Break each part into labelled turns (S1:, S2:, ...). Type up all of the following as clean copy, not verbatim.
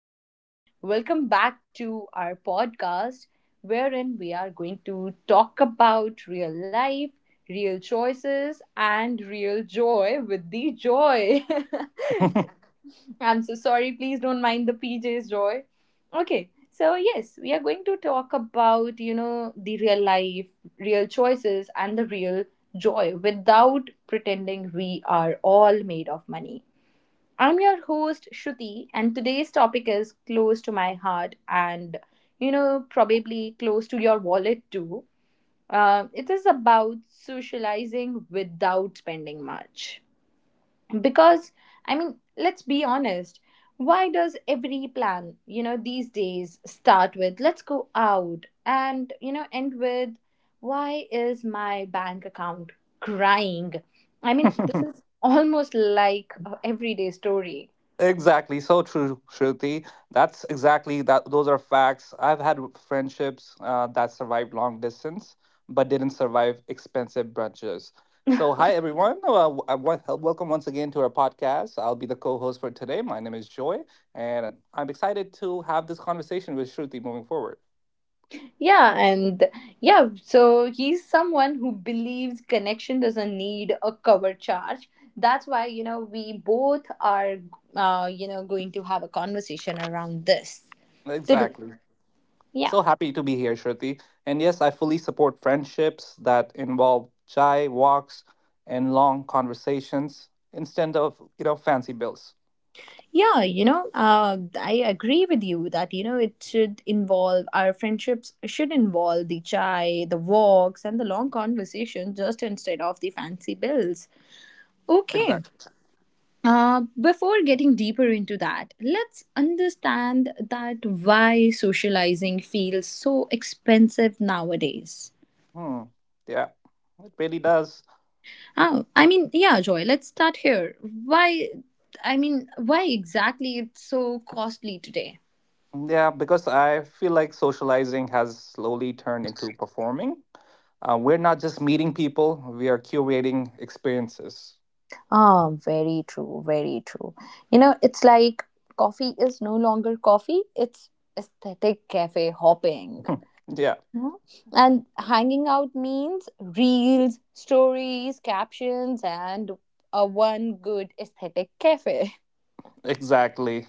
S1: everyone. Welcome back to our podcast, wherein we are going to talk about real life, real choices, and real joy with the joy. I'm so sorry. Please don't mind the PJ's joy. Okay. So, yes, we are going to talk about, the real life, real choices, and the real joy without pretending we are all made of money. I'm your host Shruti, and today's topic is close to my heart and, probably close to your wallet too. It is about socializing without spending much. Because, I mean, let's be honest, why does every plan, these days start with let's go out and, end with why is my bank account crying? I mean, this is almost like a everyday story.
S2: Exactly, so true, Shruti. That's exactly that. Those are facts. I've had friendships that survived long distance, but didn't survive expensive brunches. So, hi everyone. Welcome once again to our podcast. I'll be the co-host for today. My name is Joy, and I'm excited to have this conversation with Shruti moving forward.
S1: Yeah, and yeah, so he's someone who believes connection doesn't need a cover charge. That's why, we both are, going to have a conversation around this today.
S2: Exactly.
S1: Yeah,
S2: So happy to be here, Shruti. And yes, I fully support friendships that involve chai, walks, and long conversations instead of, fancy bills.
S1: yeah, I agree with you that, it should involve our friendships, should involve the chai, the walks, and the long conversation just instead of the fancy bills. Okay.
S2: Exactly.
S1: Before getting deeper into that, let's understand that why socializing feels so expensive nowadays.
S2: Hmm. Yeah, it really does.
S1: Oh, I mean, yeah, Joy, let's start here. Why exactly it's so costly today?
S2: Yeah, because I feel like socializing has slowly turned into performing. We're not just meeting people, we are curating experiences.
S1: Ah, very true, very true. It's like coffee is no longer coffee, it's aesthetic cafe hopping.
S2: Yeah,
S1: Yeah. And hanging out means reels, stories, captions, and a one good aesthetic cafe.
S2: exactly.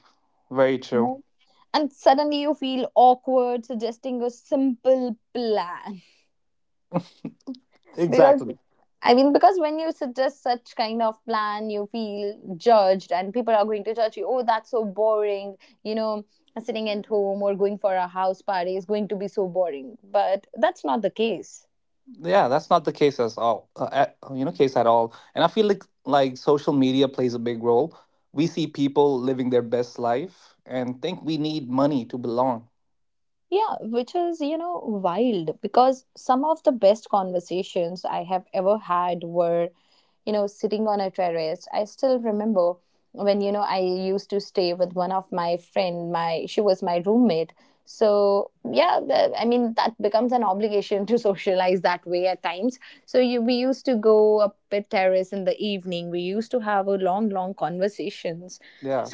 S2: Very true.
S1: Right. And suddenly you feel awkward suggesting a simple plan. Because,
S2: Exactly.
S1: because when you suggest such kind of plan, you feel judged, and people are going to judge you. Oh, that's so boring. You know, sitting at home or going for a house party is going to be so boring. But that's not the case.
S2: Yeah, that's not the case as all, case at all. And I feel like social media plays a big role. We see people living their best life and think we need money to belong.
S1: Yeah, which is, wild because some of the best conversations I have ever had were, sitting on a terrace. I still remember when, I used to stay with one of my friend, my she was my roommate. So, yeah, I mean, that becomes an obligation to socialize that way at times. So, we used to go,
S2: Yeah.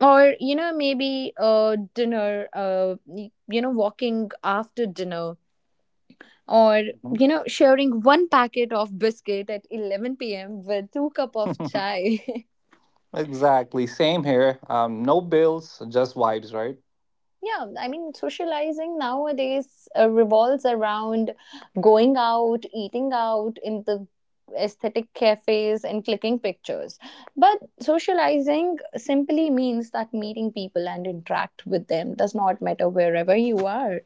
S1: or maybe dinner, walking after dinner, or
S2: Mhm.
S1: sharing one packet of biscuit at 11 p.m with two cup of chai
S2: Exactly. Same here. No bills, just vibes, right?
S1: Yeah, I mean socializing nowadays revolves around going out, eating out in the aesthetic cafes and clicking pictures, but socializing simply means that meeting people and interact with them does not matter wherever you are.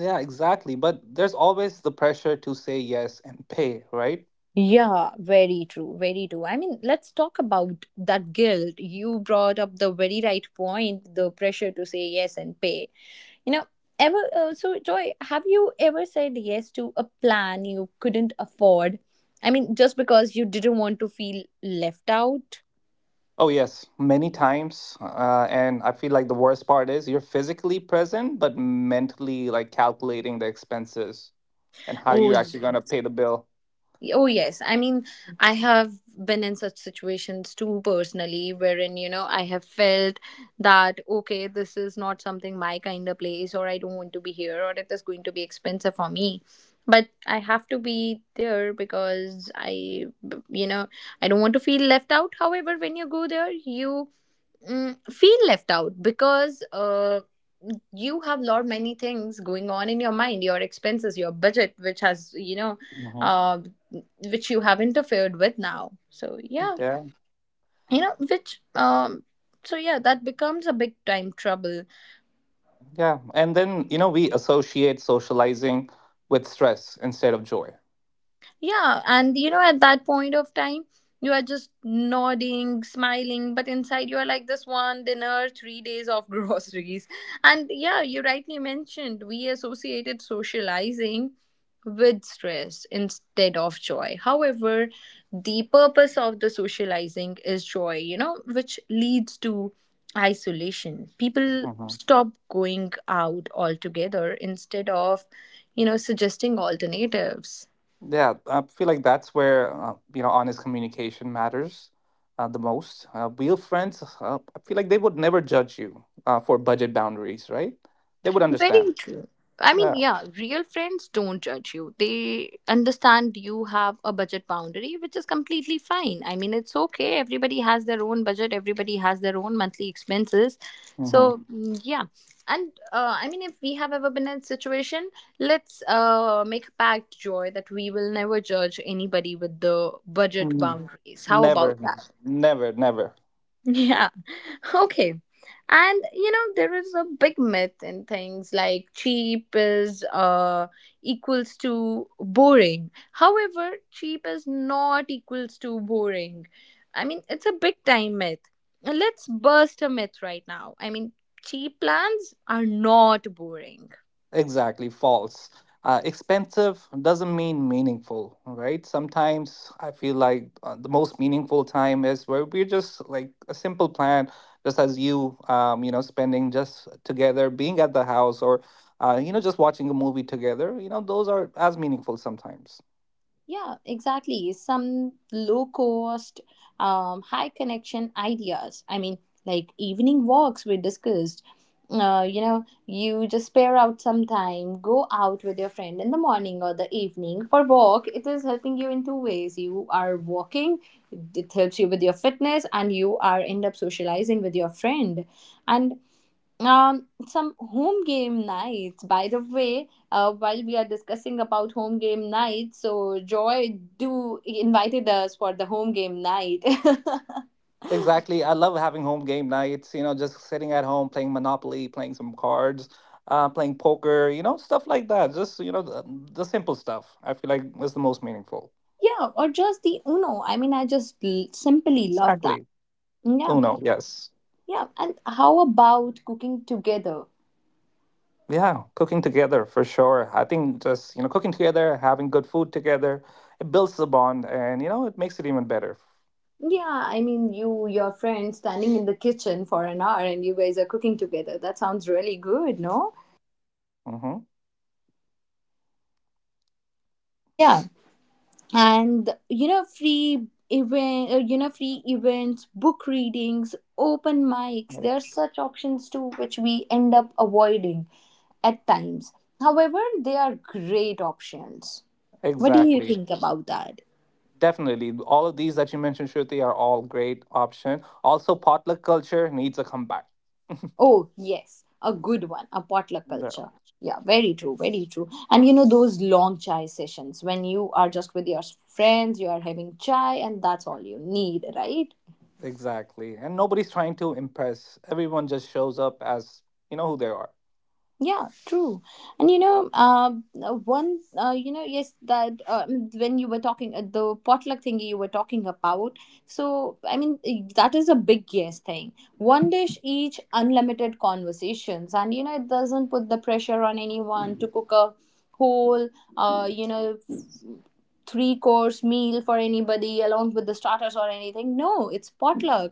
S2: Yeah, exactly. But there's always the pressure to say yes and pay, right?
S1: Yeah, very true, very true. I mean, let's talk about that guilt. You brought up the very right point, the pressure to say yes and pay. You know, ever so Joy, have you ever said yes to a plan you couldn't afford? I mean, just because you didn't want to feel left out?
S2: Oh, yes, many times. And I feel like the worst part is you're physically present, but mentally like calculating the expenses. And how
S1: Oh,
S2: you're actually going to
S1: yes.
S2: pay the bill.
S1: Oh, yes. I mean, I have been in such situations too personally, wherein, I have felt that, okay, this is not something my kind of place, or I don't want to be here, or it is going to be expensive for me. But I have to be there because you know, I don't want to feel left out. However, when you go there, you feel left out because you have lot many things going on in your mind, your expenses, your budget, which has
S2: Mhm.
S1: uh, which you have interfered with now. So, yeah,
S2: Yeah.
S1: you know which so yeah that becomes a big time trouble.
S2: Yeah. And then, you know, we associate socializing with stress instead of joy.
S1: Yeah, and at that point of time, you are just nodding, smiling, but inside you are like this one dinner, 3 days of groceries. And yeah, you rightly mentioned we associated socializing with stress instead of joy. However, the purpose of the socializing is joy, which leads to isolation. People
S2: Mhm.
S1: stop going out altogether instead of, suggesting alternatives.
S2: Yeah. I feel like that's where, honest communication matters the most. Real friends, I feel like they would never judge you for budget boundaries, right? They would understand.
S1: Very true. I mean,
S2: Yeah.
S1: yeah, real friends don't judge you. They understand you have a budget boundary, which is completely fine. I mean, it's okay. Everybody has their own budget, everybody has their own monthly expenses.
S2: Hmm.
S1: So, yeah. And I mean, if we have ever been in a situation, let's make a pact, Joy, that we will never judge anybody with the budget
S2: Hmm.
S1: boundaries. How about
S2: Never,
S1: that?
S2: never, never.
S1: Yeah. Okay. And there is a big myth in things like cheap is equals to boring. However, cheap is not equals to boring. I mean, it's a big time myth. And let's burst a myth right now. I mean, cheap plans are not boring.
S2: Exactly, false. Expensive doesn't mean meaningful, right? Sometimes I feel like the most meaningful time is where we're just like a simple plan, just as you, spending just together, being at the house, or just watching a movie together, you know, those are as meaningful sometimes.
S1: Yeah, exactly. Some low cost, high connection ideas. I mean, like evening walks we discussed. You just spare out some time, go out with your friend in the morning or the evening for walk. It is helping you in two ways. You are walking, it helps you with your fitness, and you are end up socializing with your friend. And some home game nights, by the way, while we are discussing about home game nights, so joy do invited us for the home game night. Yeah,
S2: Exactly. I love having home game nights, you know, just sitting at home playing Monopoly, playing some cards, playing poker, you know, stuff like that. Just, you know, the simple stuff I feel like is the most meaningful.
S1: or just the uno, I mean I just simply love that.
S2: Exactly.
S1: Yeah,
S2: Uno, yes.
S1: yeah, and how about cooking together?
S2: Yeah, cooking together for sure. I think just, you know, cooking together, having good food together, it builds the bond and, you know, it makes it even better.
S1: Yeah, I mean your friend standing in the kitchen for an hour and you guys are cooking together, that sounds really good, no?
S2: Mm-hmm.
S1: Yeah, and free event you know free events, book readings, open mics, there are
S2: Ex-
S1: such options too which we end up avoiding at times, however they are great options. What do you
S2: exactly.
S1: think about that?
S2: Definitely. All of these that you mentioned, Shruti, are all great option. Also, potluck culture needs a comeback.
S1: Oh yes, a good one, a potluck
S2: The-
S1: culture. Yeah, very true, very true, and those long chai sessions when you are just with your friends, you are having chai and that's all you need, right?
S2: exactly. And nobody's trying to impress. Everyone just shows up as, you know, who they are.
S1: Yeah, true. And one, yes, that when you were talking the potluck thingy you were talking about. So, I mean, that is a big yes thing. One dish each, unlimited conversations, and it doesn't put the pressure on anyone to cook a whole, uh, you know, three course meal for anybody along with the starters or anything. No, it's potluck.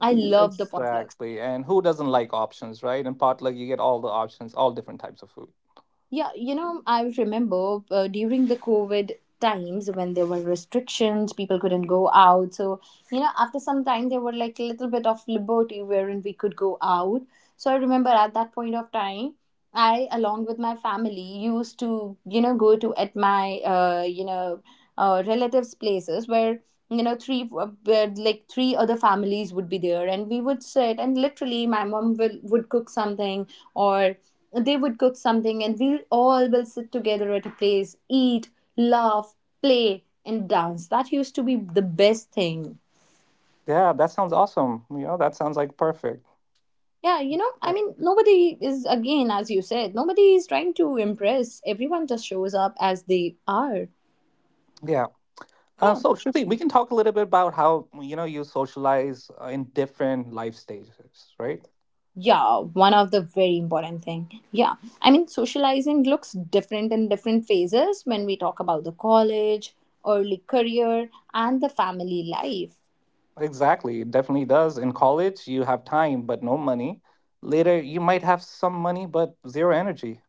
S1: I love the potlucks.
S2: Exactly. And who doesn't like options, right? In potluck, you get all the options, all different types of food.
S1: Yeah, I remember during the COVID times when there were restrictions, people couldn't go out. So, after some time, there were like a little bit of liberty wherein we could go out. So, I remember at that point of time, I, along with my family, used to, go to at my, relatives' places where you know three where, like three other families would be there, and we would sit and literally my mom would cook something, or they would cook something and we all will sit together at a place, eat, laugh, play and dance. That used to be the best thing.
S2: Yeah, that sounds awesome. You know, that sounds like perfect.
S1: Yeah, I
S2: Yeah.
S1: mean nobody is, again, as you said, nobody is trying to impress, everyone just shows up as they are.
S2: Yeah.
S1: Yeah,
S2: So, Shruti, we can talk a little bit about how, you know, you socialize in different life stages, right?
S1: yeah, one of the very important thing. Yeah, I mean socializing looks different in different phases when we talk about the college, early career and the family life.
S2: Exactly. It definitely does. In college, you have time, but no money. Later, you might have some money, but zero energy.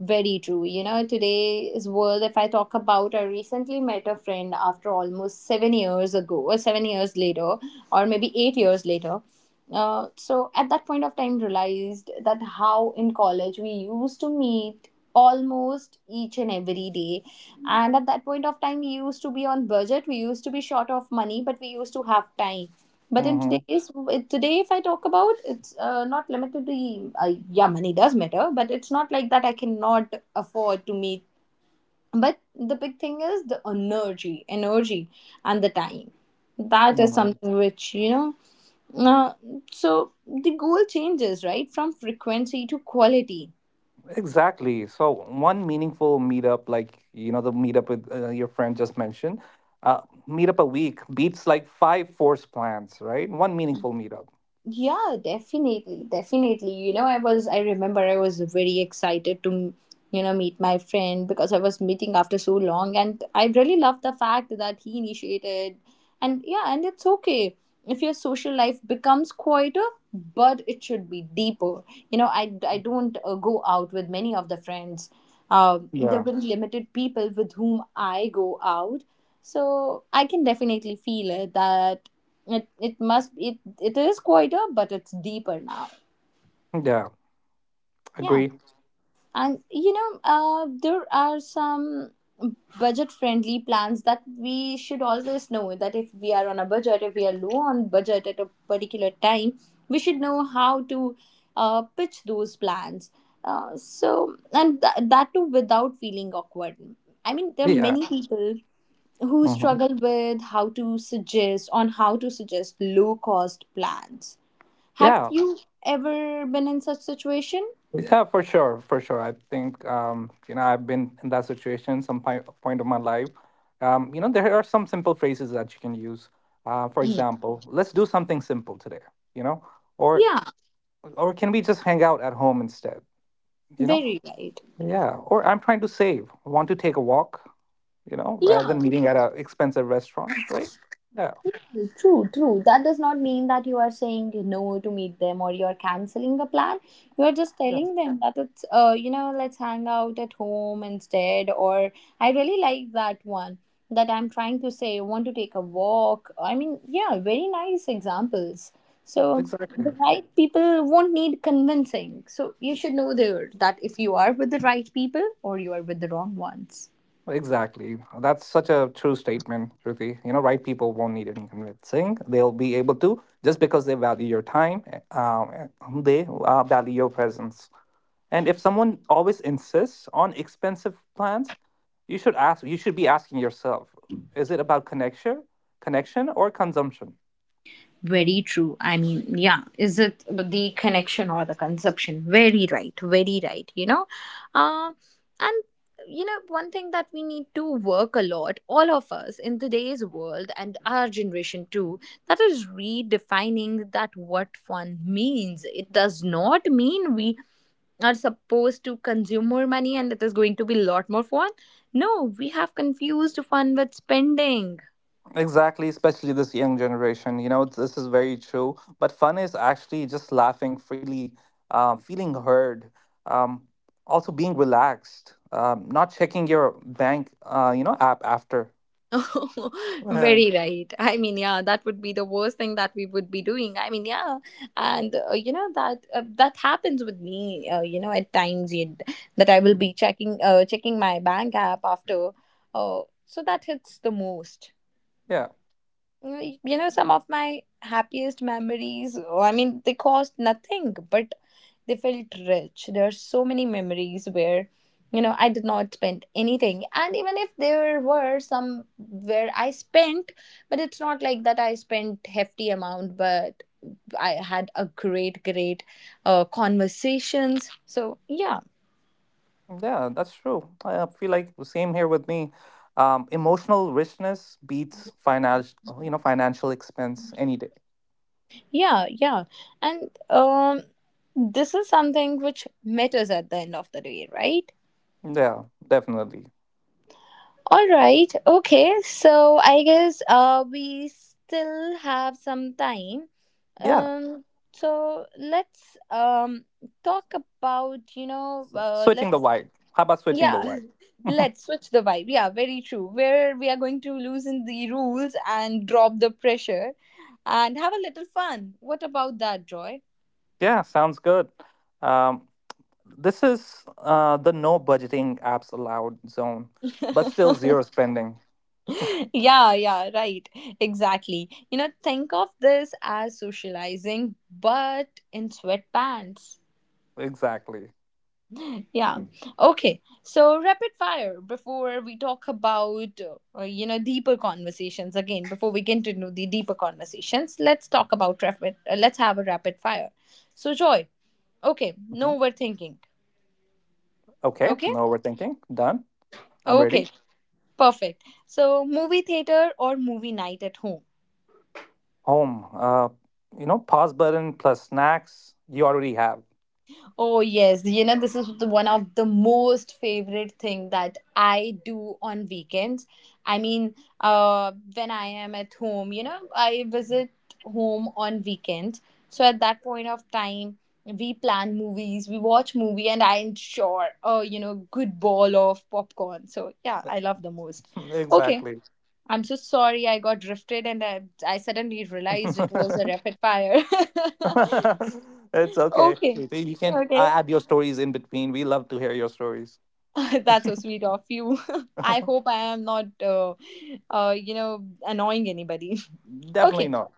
S1: Very true. Today's world, if I talk about, I recently met a friend after almost 7 years ago, or 7 years later, or maybe 8 years later. So at that point of time, realized that how in college we used to meet almost each and every day. And at that point of time, we used to be on budget, we used to be short of money, but we used to have time. But in
S2: Mm-hmm.
S1: today's today, if I talk about, it's not limited to uh, yeah, money does matter, but it's not like that. I cannot afford to meet. But the big thing is the energy, energy, and the time. That is
S2: Mm-hmm.
S1: something which you know. Uh, so the goal changes, right, from frequency to quality.
S2: Exactly. So one meaningful meetup, like you know the meetup with your friend just mentioned, uh, meetup a week beats like five forced plans, right? One meaningful meetup.
S1: Yeah, definitely, definitely. I remember I was very excited to, meet my friend because I was meeting after so long. And I really love the fact that he initiated. And yeah, and it's okay if your social life becomes quieter, but it should be deeper. I don't go out with many of the friends. There
S2: Yeah.
S1: have been limited people with whom I go out, so I can definitely feel it that it is quieter but it's deeper now.
S2: Yeah.
S1: Yeah.
S2: Agree.
S1: And you know, there are some budget friendly plans that we should always know that if we are on a budget, if we are low on budget at a particular time, we should know how to pitch those plans. That too without feeling awkward. I mean, there are
S2: Yeah.
S1: many people who
S2: Hmm.
S1: struggle with how to suggest low cost plans. Have
S2: Yeah.
S1: you ever been in such situation?
S2: Yeah, for sure, for sure. I think you know I've been in that situation point of my life. You know, there are some simple phrases that you can use. For
S1: Hmm.
S2: example, let's do something simple today. You know, or
S1: Yeah,
S2: or can we just hang out at home instead? You know,
S1: very right.
S2: yeah. Or I'm trying to save. Want to take a walk? You know, rather
S1: Yeah,
S2: than meeting at an expensive restaurant, right? Yeah,
S1: true, true. That does not mean that you are saying no to meet them or you're canceling the plan. You're just
S2: yeah,
S1: telling them that it's you know, let's hang out at home instead. Or I really like that one, that I'm trying to say, want to take a walk. I mean, yeah, very nice examples. So the
S2: exactly.
S1: right people won't need convincing. So you should know there that if you are with the right people or you are with the wrong ones.
S2: Exactly. That's such a true statement, Shruti. You know, right people won't need any convincing. They'll be able to just because they value your time, eh, eh, they value your presence. And if someone always insists on expensive plans, you should ask. You should be asking yourself: Is it about connection, connection, or consumption?
S1: Very true. I mean, yeah, is it the connection or the consumption? Very right, very right, you know. Uh, and you know, one thing that we need to work a lot, all of us in today's world and our generation too, that is redefining that what fun means. It does not mean we are supposed to consume more money and it is going to be a lot more fun. No, we have confused fun with spending.
S2: Exactly, especially this young generation. You know, this is very true. But fun is actually just laughing freely, feeling heard, um, also being relaxed, not checking your bank, app after.
S1: Oh,
S2: Yeah,
S1: very right. I mean, yeah, that would be the worst thing that we would be doing. I mean, yeah, and you know that happens with me. You know, at times that I will be checking checking my bank app after. So that hits the most.
S2: yeah,
S1: Mm, you know some of my happiest memories, oh, I mean they cost nothing but they felt rich. There are so many memories where, you know, I did not spend anything, and even if there were some where I spent, but it's not like that I spent hefty amount, but I had a great conversations. So yeah,
S2: yeah, that's true. I feel like the same here with me. Emotional richness beats financial, you know, financial expense any day.
S1: yeah, yeah. And this is something which matters at the end of the day, right?
S2: Yeah, definitely.
S1: All right. Okay. So I guess we still have some time.
S2: Yeah,
S1: Um. So let's talk about you know
S2: switching the
S1: let's
S2: vibe. How about switching the
S1: yeah,
S2: vibe?
S1: let's switch the vibe. Yeah, very true. Where we are going to loosen the rules and drop the pressure, and have a little fun. What about that, Joy?
S2: Yeah, sounds good. Um, this is the no budgeting apps allowed zone, but still zero spending.
S1: Yeah, yeah, right. Exactly. You know, think of this as socializing, but in sweatpants.
S2: Exactly.
S1: Yeah. Okay. So rapid fire before we talk about you know deeper conversations. Again, before we continue the deeper conversations, let's have a rapid fire. So Joy, okay,
S2: Mhm.
S1: no overthinking.
S2: Okay,
S1: Okay?
S2: no overthinking. Done. I'm ready.
S1: Okay. Perfect. So movie theater or movie night at home?
S2: Home. You know, pause button plus snacks. You already have.
S1: Oh yes, you know this is the one of the most favorite thing that I do on weekends. I mean, when I am at home, you know, I visit home on weekends. So at that point of time, we plan movies, we watch movie, and I ensure, you know, good ball of popcorn. So yeah, I love the most. Okay,
S2: Exactly.
S1: I'm so sorry I got drifted, and I suddenly realized it was a rapid fire.
S2: It's okay.
S1: Okay.
S2: Shruti. You can
S1: Okay,
S2: add your stories in between. We love to hear your stories.
S1: that's so sweet of you. I hope I am not, you know, annoying anybody.
S2: Definitely
S1: Okay,
S2: not.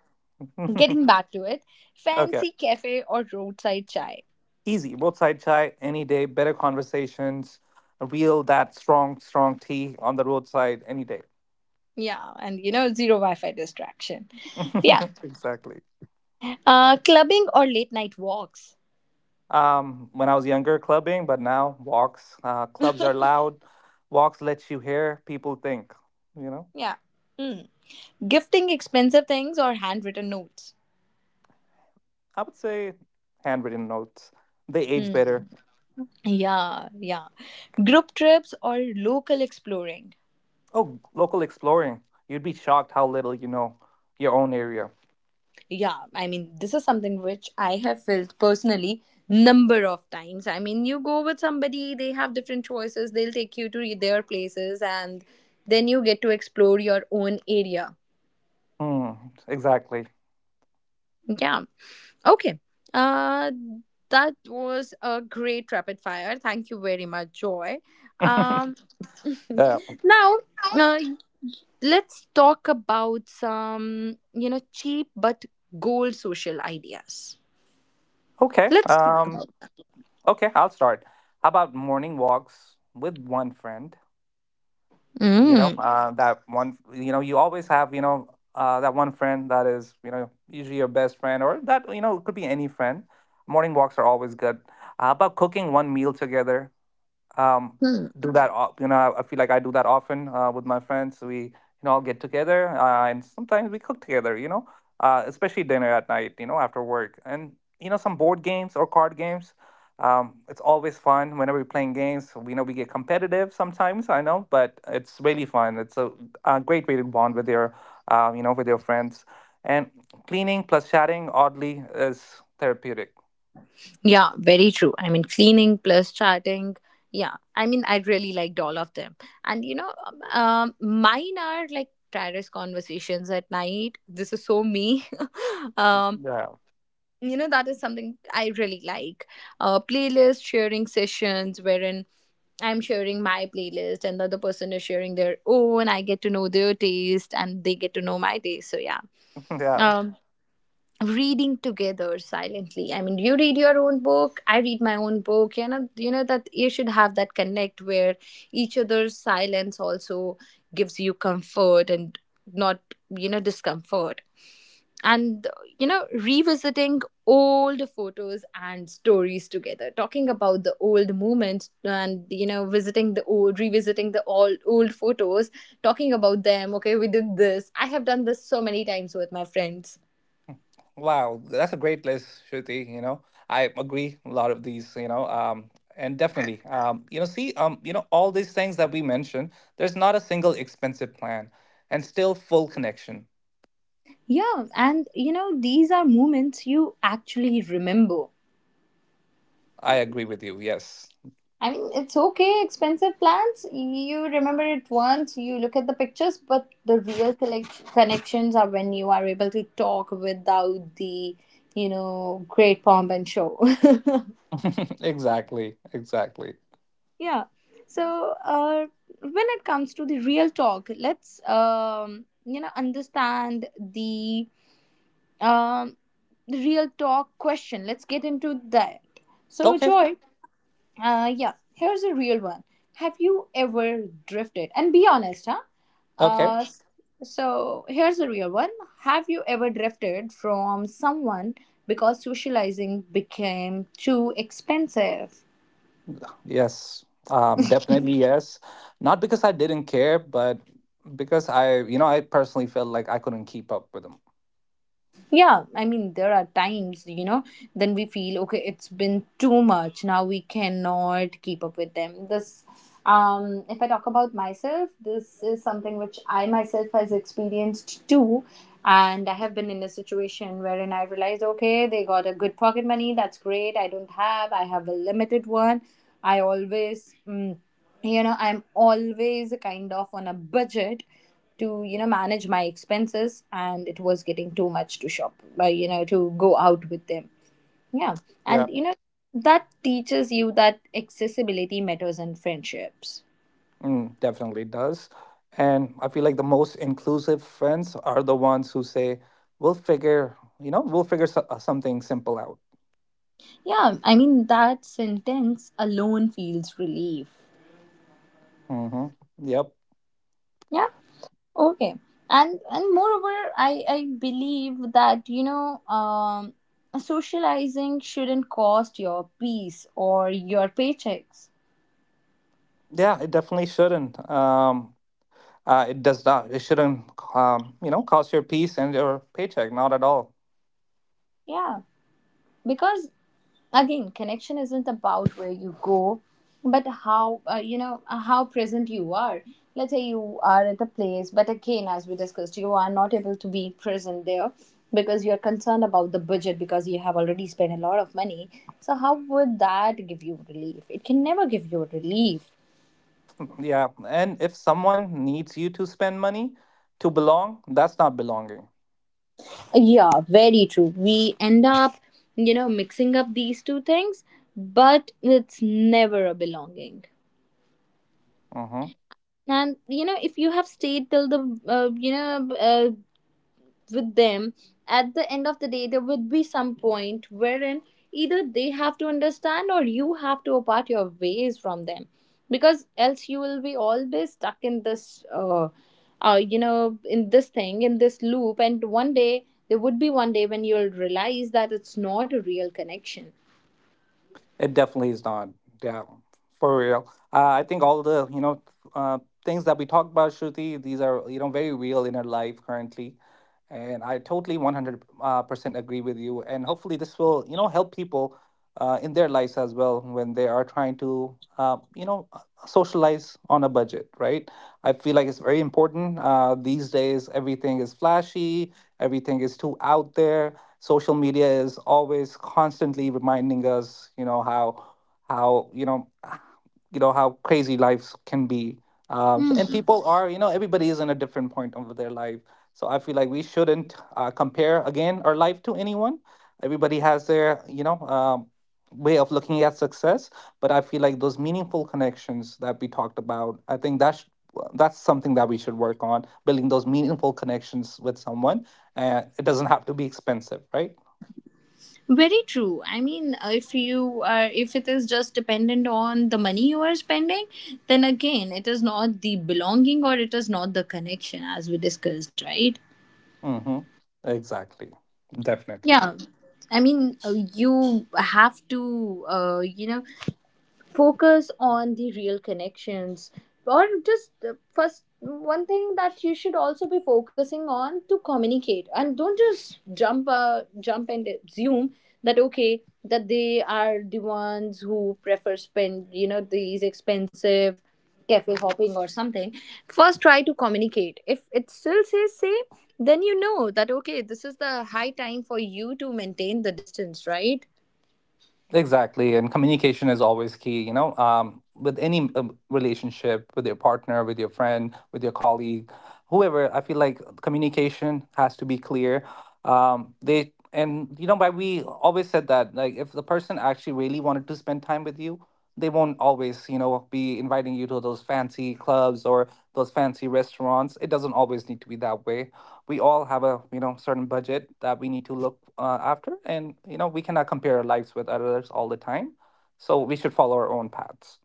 S1: getting back to it,
S2: Okay.
S1: fancy cafe or roadside chai.
S2: Easy, roadside chai any day, better conversations, a real that strong tea on the roadside any day.
S1: Yeah, and you know, zero Wi Fi distraction. Yeah.
S2: Exactly.
S1: Clubbing or late night walks.
S2: When I was younger, clubbing, but now walks. Clubs are loud, walks let you hear people think. You know,
S1: Yeah. Mm. Gifting expensive things or handwritten notes.
S2: I would say handwritten notes. They age
S1: Mm.
S2: better.
S1: Yeah, yeah. Group trips or local exploring.
S2: Oh, local exploring. You'd be shocked how little you know your own area.
S1: Yeah, I mean, this is something which I have felt personally number of times. I mean, you go with somebody, they have different choices, they'll take you to their places and then you get to explore your own area.
S2: Hmm, exactly.
S1: Yeah. Okay. Uh that was a great rapid fire. Thank you very much, Joy. Um
S2: Yeah.
S1: Now, uh, let's talk about some, you know, cheap but gold social ideas.
S2: Okay.
S1: Let's talk about.
S2: Okay, I'll start. How about morning walks with one friend? You know,
S1: Mm.
S2: that one, you know, you always have, you know, that one friend that is, you know, usually your best friend or that, you know, it could be any friend. Morning walks are always good. How about cooking one meal together? um, do that. You know, I feel like I do that often with my friends. We you know all get together and sometimes we cook together. You know, especially dinner at night. You know, after work and you know some board games or card games. It's always fun whenever we're playing games. We know we get competitive sometimes. I know, but it's really fun. A great way to bond with your, you know, with your friends. And cleaning plus chatting oddly is therapeutic.
S1: Yeah, very true. I mean, cleaning plus chatting. Yeah, I mean, I really liked all of them. And you know, mine are like terrace conversations at night. This is so me. um,
S2: Yeah,
S1: you know, that is something I really like. Playlist sharing sessions wherein I'm sharing my playlist and the other person is sharing their own. I get to know their taste and they get to know my taste. So yeah.
S2: yeah.
S1: um Reading together silently, I mean you read your own book, I read my own book. You know, you know that you should have that connect where each other's silence also gives you comfort and not, you know, discomfort. And you know, revisiting old photos and stories together, talking about the old moments, and you know, visiting the old revisiting the old photos, talking about them. Okay, we did this. I have done this so many times with my friends.
S2: Wow, that's a great list, Shruti. You know, I agree a lot of these, and definitely, see, you know, all these things that we mentioned, there's not a single expensive plan and still full connection.
S1: Yeah, and you know, these are moments you actually remember.
S2: I agree with you. Yes.
S1: I mean, it's okay, expensive plans. You remember it once, you look at the pictures, but the real connections are when you are able to talk without the, you know, great pomp and show.
S2: Exactly. Exactly.
S1: Yeah. So, when it comes to the real talk, let's, you know, understand um, the real talk question. Let's get into that. So,
S2: Okay.
S1: Joy, uh, yeah, here's a real one. Have you ever drifted? And be honest, huh?
S2: Okay.
S1: Uh, s- so here's a real one. Have you ever drifted from someone because socializing became too expensive?
S2: Yes. Definitely yes. Not because I didn't care, but because you know, I personally felt like I couldn't keep up with them.
S1: Yeah, I mean, there are times, you know, then we feel, okay, it's been too much. Now we cannot keep up with them. If I talk about myself, this is something which I myself has experienced too. And I have been in a situation wherein I realized, okay, they got a good pocket money. That's great. I don't have, I have a limited one. I always, mm, you know, I'm always kind of on a budget to, you know, manage my expenses, and it was getting too much to shop, you know, to go out with them. Yeah.
S2: Yeah.
S1: And you know, that teaches you that accessibility matters in friendships.
S2: Mm, definitely does. And I feel like the most inclusive friends are the ones who say, we'll figure something simple out.
S1: Yeah, I mean that sentence alone feels relief.
S2: Hmm. Yep.
S1: Yeah. Okay. And moreover, I believe that, you know, socializing shouldn't cost your peace or your paychecks.
S2: Yeah, it definitely shouldn't. It does not. It shouldn't, you know, cost your peace and your paycheck. Not at all.
S1: Yeah, because again, connection isn't about where you go but how present you are. Let's say you are at a place, but again, as we discussed, you are not able to be present there because you're concerned about the budget, because you have already spent a lot of money. So how would that give you relief? It can never give you relief.
S2: Yeah. And if someone needs you to spend money to belong, that's not belonging.
S1: Yeah, very true. We end up, you know, mixing up these two things, but it's never a belonging.
S2: Mm-hmm.
S1: And you know, if you have stayed till the you know with them, at the end of the day there would be some point wherein either they have to understand or you have to part your ways from them, because else you will be always stuck in this you know, in this thing, in this loop. And one day there would be one day when you'll realize that it's not a real connection.
S2: It definitely is not. Yeah, for real. I think all the you know uh, things that we talked about, Shruti, these are you know very real in our life currently. And I totally 100% agree with you. And hopefully, this will, you know, help people in their lives as well when they are trying to, socialize on a budget, right? I feel like it's very important. These days, everything is flashy, everything is too out there. Social media is always constantly reminding us, how, you know how crazy lives can be so, and
S1: Hmm.
S2: people are you know everybody is in a different point of their life so I feel like we shouldn't compare again our life to anyone everybody has their way of looking at success but I feel like those meaningful connections that we talked about I think that's something that we should work on building those meaningful connections with someone it doesn't have to be expensive, right?
S1: Very true. I mean, if you are, if it is just dependent on the money you are spending, then again, it is not the belonging or it is not the connection as we discussed, right?
S2: Mm-hmm. Exactly. Definitely.
S1: Yeah. I mean, you have to, you know, focus on the real connections. Or just, first, one thing that you should also be focusing on, to communicate and don't just jump and assume that okay, that they are the ones who prefer spend, you know, these expensive cafe hopping or something. First try to communicate. If it still says same, then you know that okay, this is the high time for you to maintain the distance, right?
S2: Exactly, and communication is always key. With any relationship, with your partner, with your friend, with your colleague, whoever, I feel like communication has to be clear. They And you know, why we always said that like if the person actually really wanted to spend time with you, they won't always you know be inviting you to those fancy clubs or those fancy restaurants. It doesn't always need to be that way we all have a you know certain budget that we need to look after and you know we cannot compare our lives with others all the time so we should follow our own paths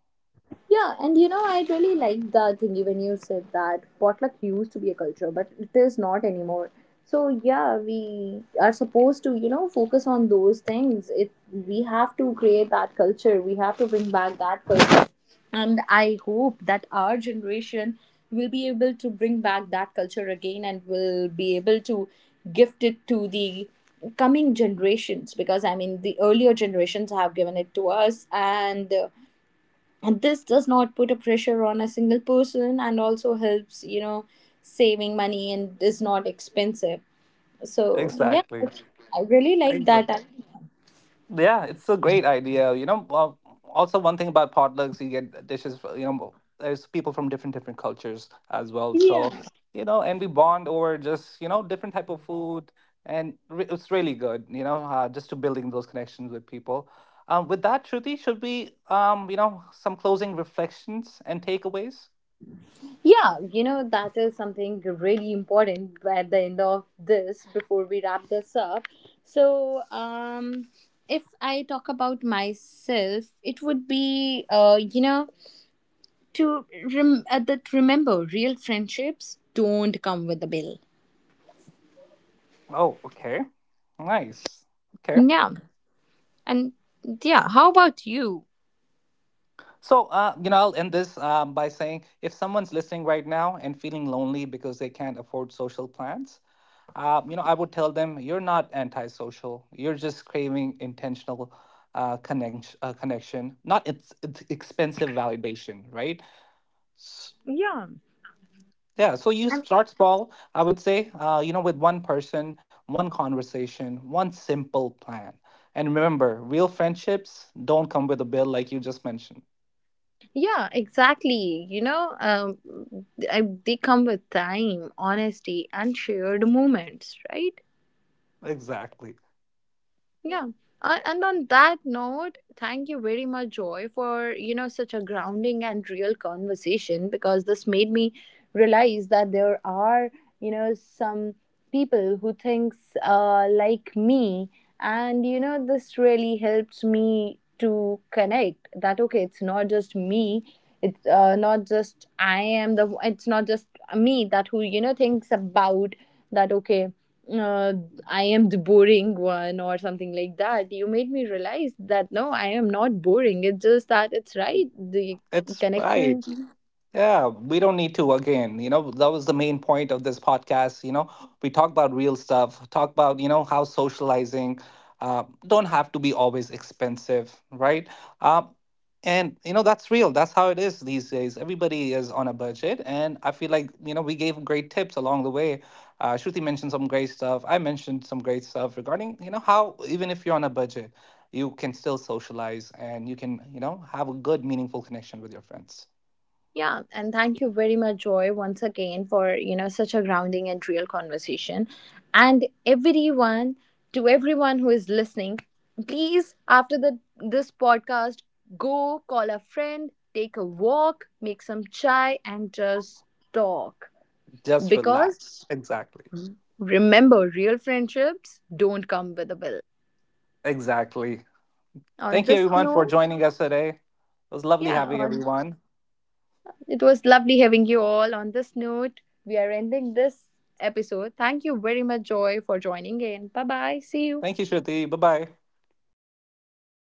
S1: Yeah, and you know, I really like the thing when you said that potluck used to be a culture, but it is not anymore. So yeah, we are supposed to, you know, focus on those things. It We have to create that culture. We have to bring back that culture. And I hope that our generation will be able to bring back that culture again and will be able to gift it to the coming generations, because I mean the earlier generations have given it to us. And and this does not put a pressure on a single person, and also helps, you know, saving money and is not expensive. So yeah,
S2: exactly.
S1: I really like
S2: Exactly.
S1: that.
S2: Yeah, it's a great idea. You know, well, also one thing about potlucks, you get dishes. You know, there's people from different cultures as well.
S1: Yeah,
S2: So you know, and we bond over just you know different type of food, and it's really good. You know, just to building those connections with people. With that, Shruti, should we you know some closing reflections and takeaways?
S1: yeah, you know, that is something really important at the end of this, before we wrap this up. So if I talk about myself, it would be, uh, you know, to that remember real friendships don't come with a bill.
S2: Oh, okay, nice. Okay.
S1: Yeah. And yeah, how about you?
S2: So, you know, I'll end this by saying if someone's listening right now and feeling lonely because they can't afford social plans, you know, I would tell them you're not antisocial. You're just craving intentional connection, not it's, it's expensive validation, right? S-
S1: Yeah.
S2: Yeah, so you
S1: And
S2: start small, I would say, you know, with one person, one conversation, one simple plan. And remember, real friendships don't come with a bill like you just mentioned.
S1: yeah, exactly. You know, I, they come with time, honesty, and shared moments, right?
S2: Exactly.
S1: Yeah. And on that note, thank you very much, Joy, for you know such a grounding and real conversation, because this made me realize that there are you know some people who thinks, like me, and you know this really helps me to connect. That okay, it's not just me. It's not just I am the. It's not just me that who, you know, thinks about that. Okay, uh, I am the boring one or something like that. You made me realize that no, I am not boring. It's just that it's right. The
S2: It's
S1: connection.
S2: right. Yeah, we don't need to again. You know, that was the main point of this podcast. You know, we talk about real stuff, talk about, you know, how socializing don't have to be always expensive, right? Um, and, you know, that's real. That's how it is these days. Everybody is on a budget. And I feel like, you know, we gave great tips along the way. Shruti mentioned some great stuff. I mentioned some great stuff regarding, you know, how even if you're on a budget, you can still socialize and you can you know have a good meaningful connection with your friends
S1: Yeah. And thank you very much, Joy, once again for, you know, such a grounding and real conversation. And everyone, to everyone who is listening, please, after the this podcast, go call a friend, take a walk, make some chai, and just talk.
S2: just
S1: Because
S2: relax exactly
S1: remember, real friendships don't come with a bill.
S2: exactly
S1: On
S2: thank you
S1: this
S2: everyone for
S1: note,
S2: joining us today it was lovely
S1: yeah,
S2: having
S1: on,
S2: everyone
S1: it was lovely having you all. On this note, we are ending this episode. Thank you very much, Joy, for joining in. Bye bye. See you.
S2: thank you shruti bye bye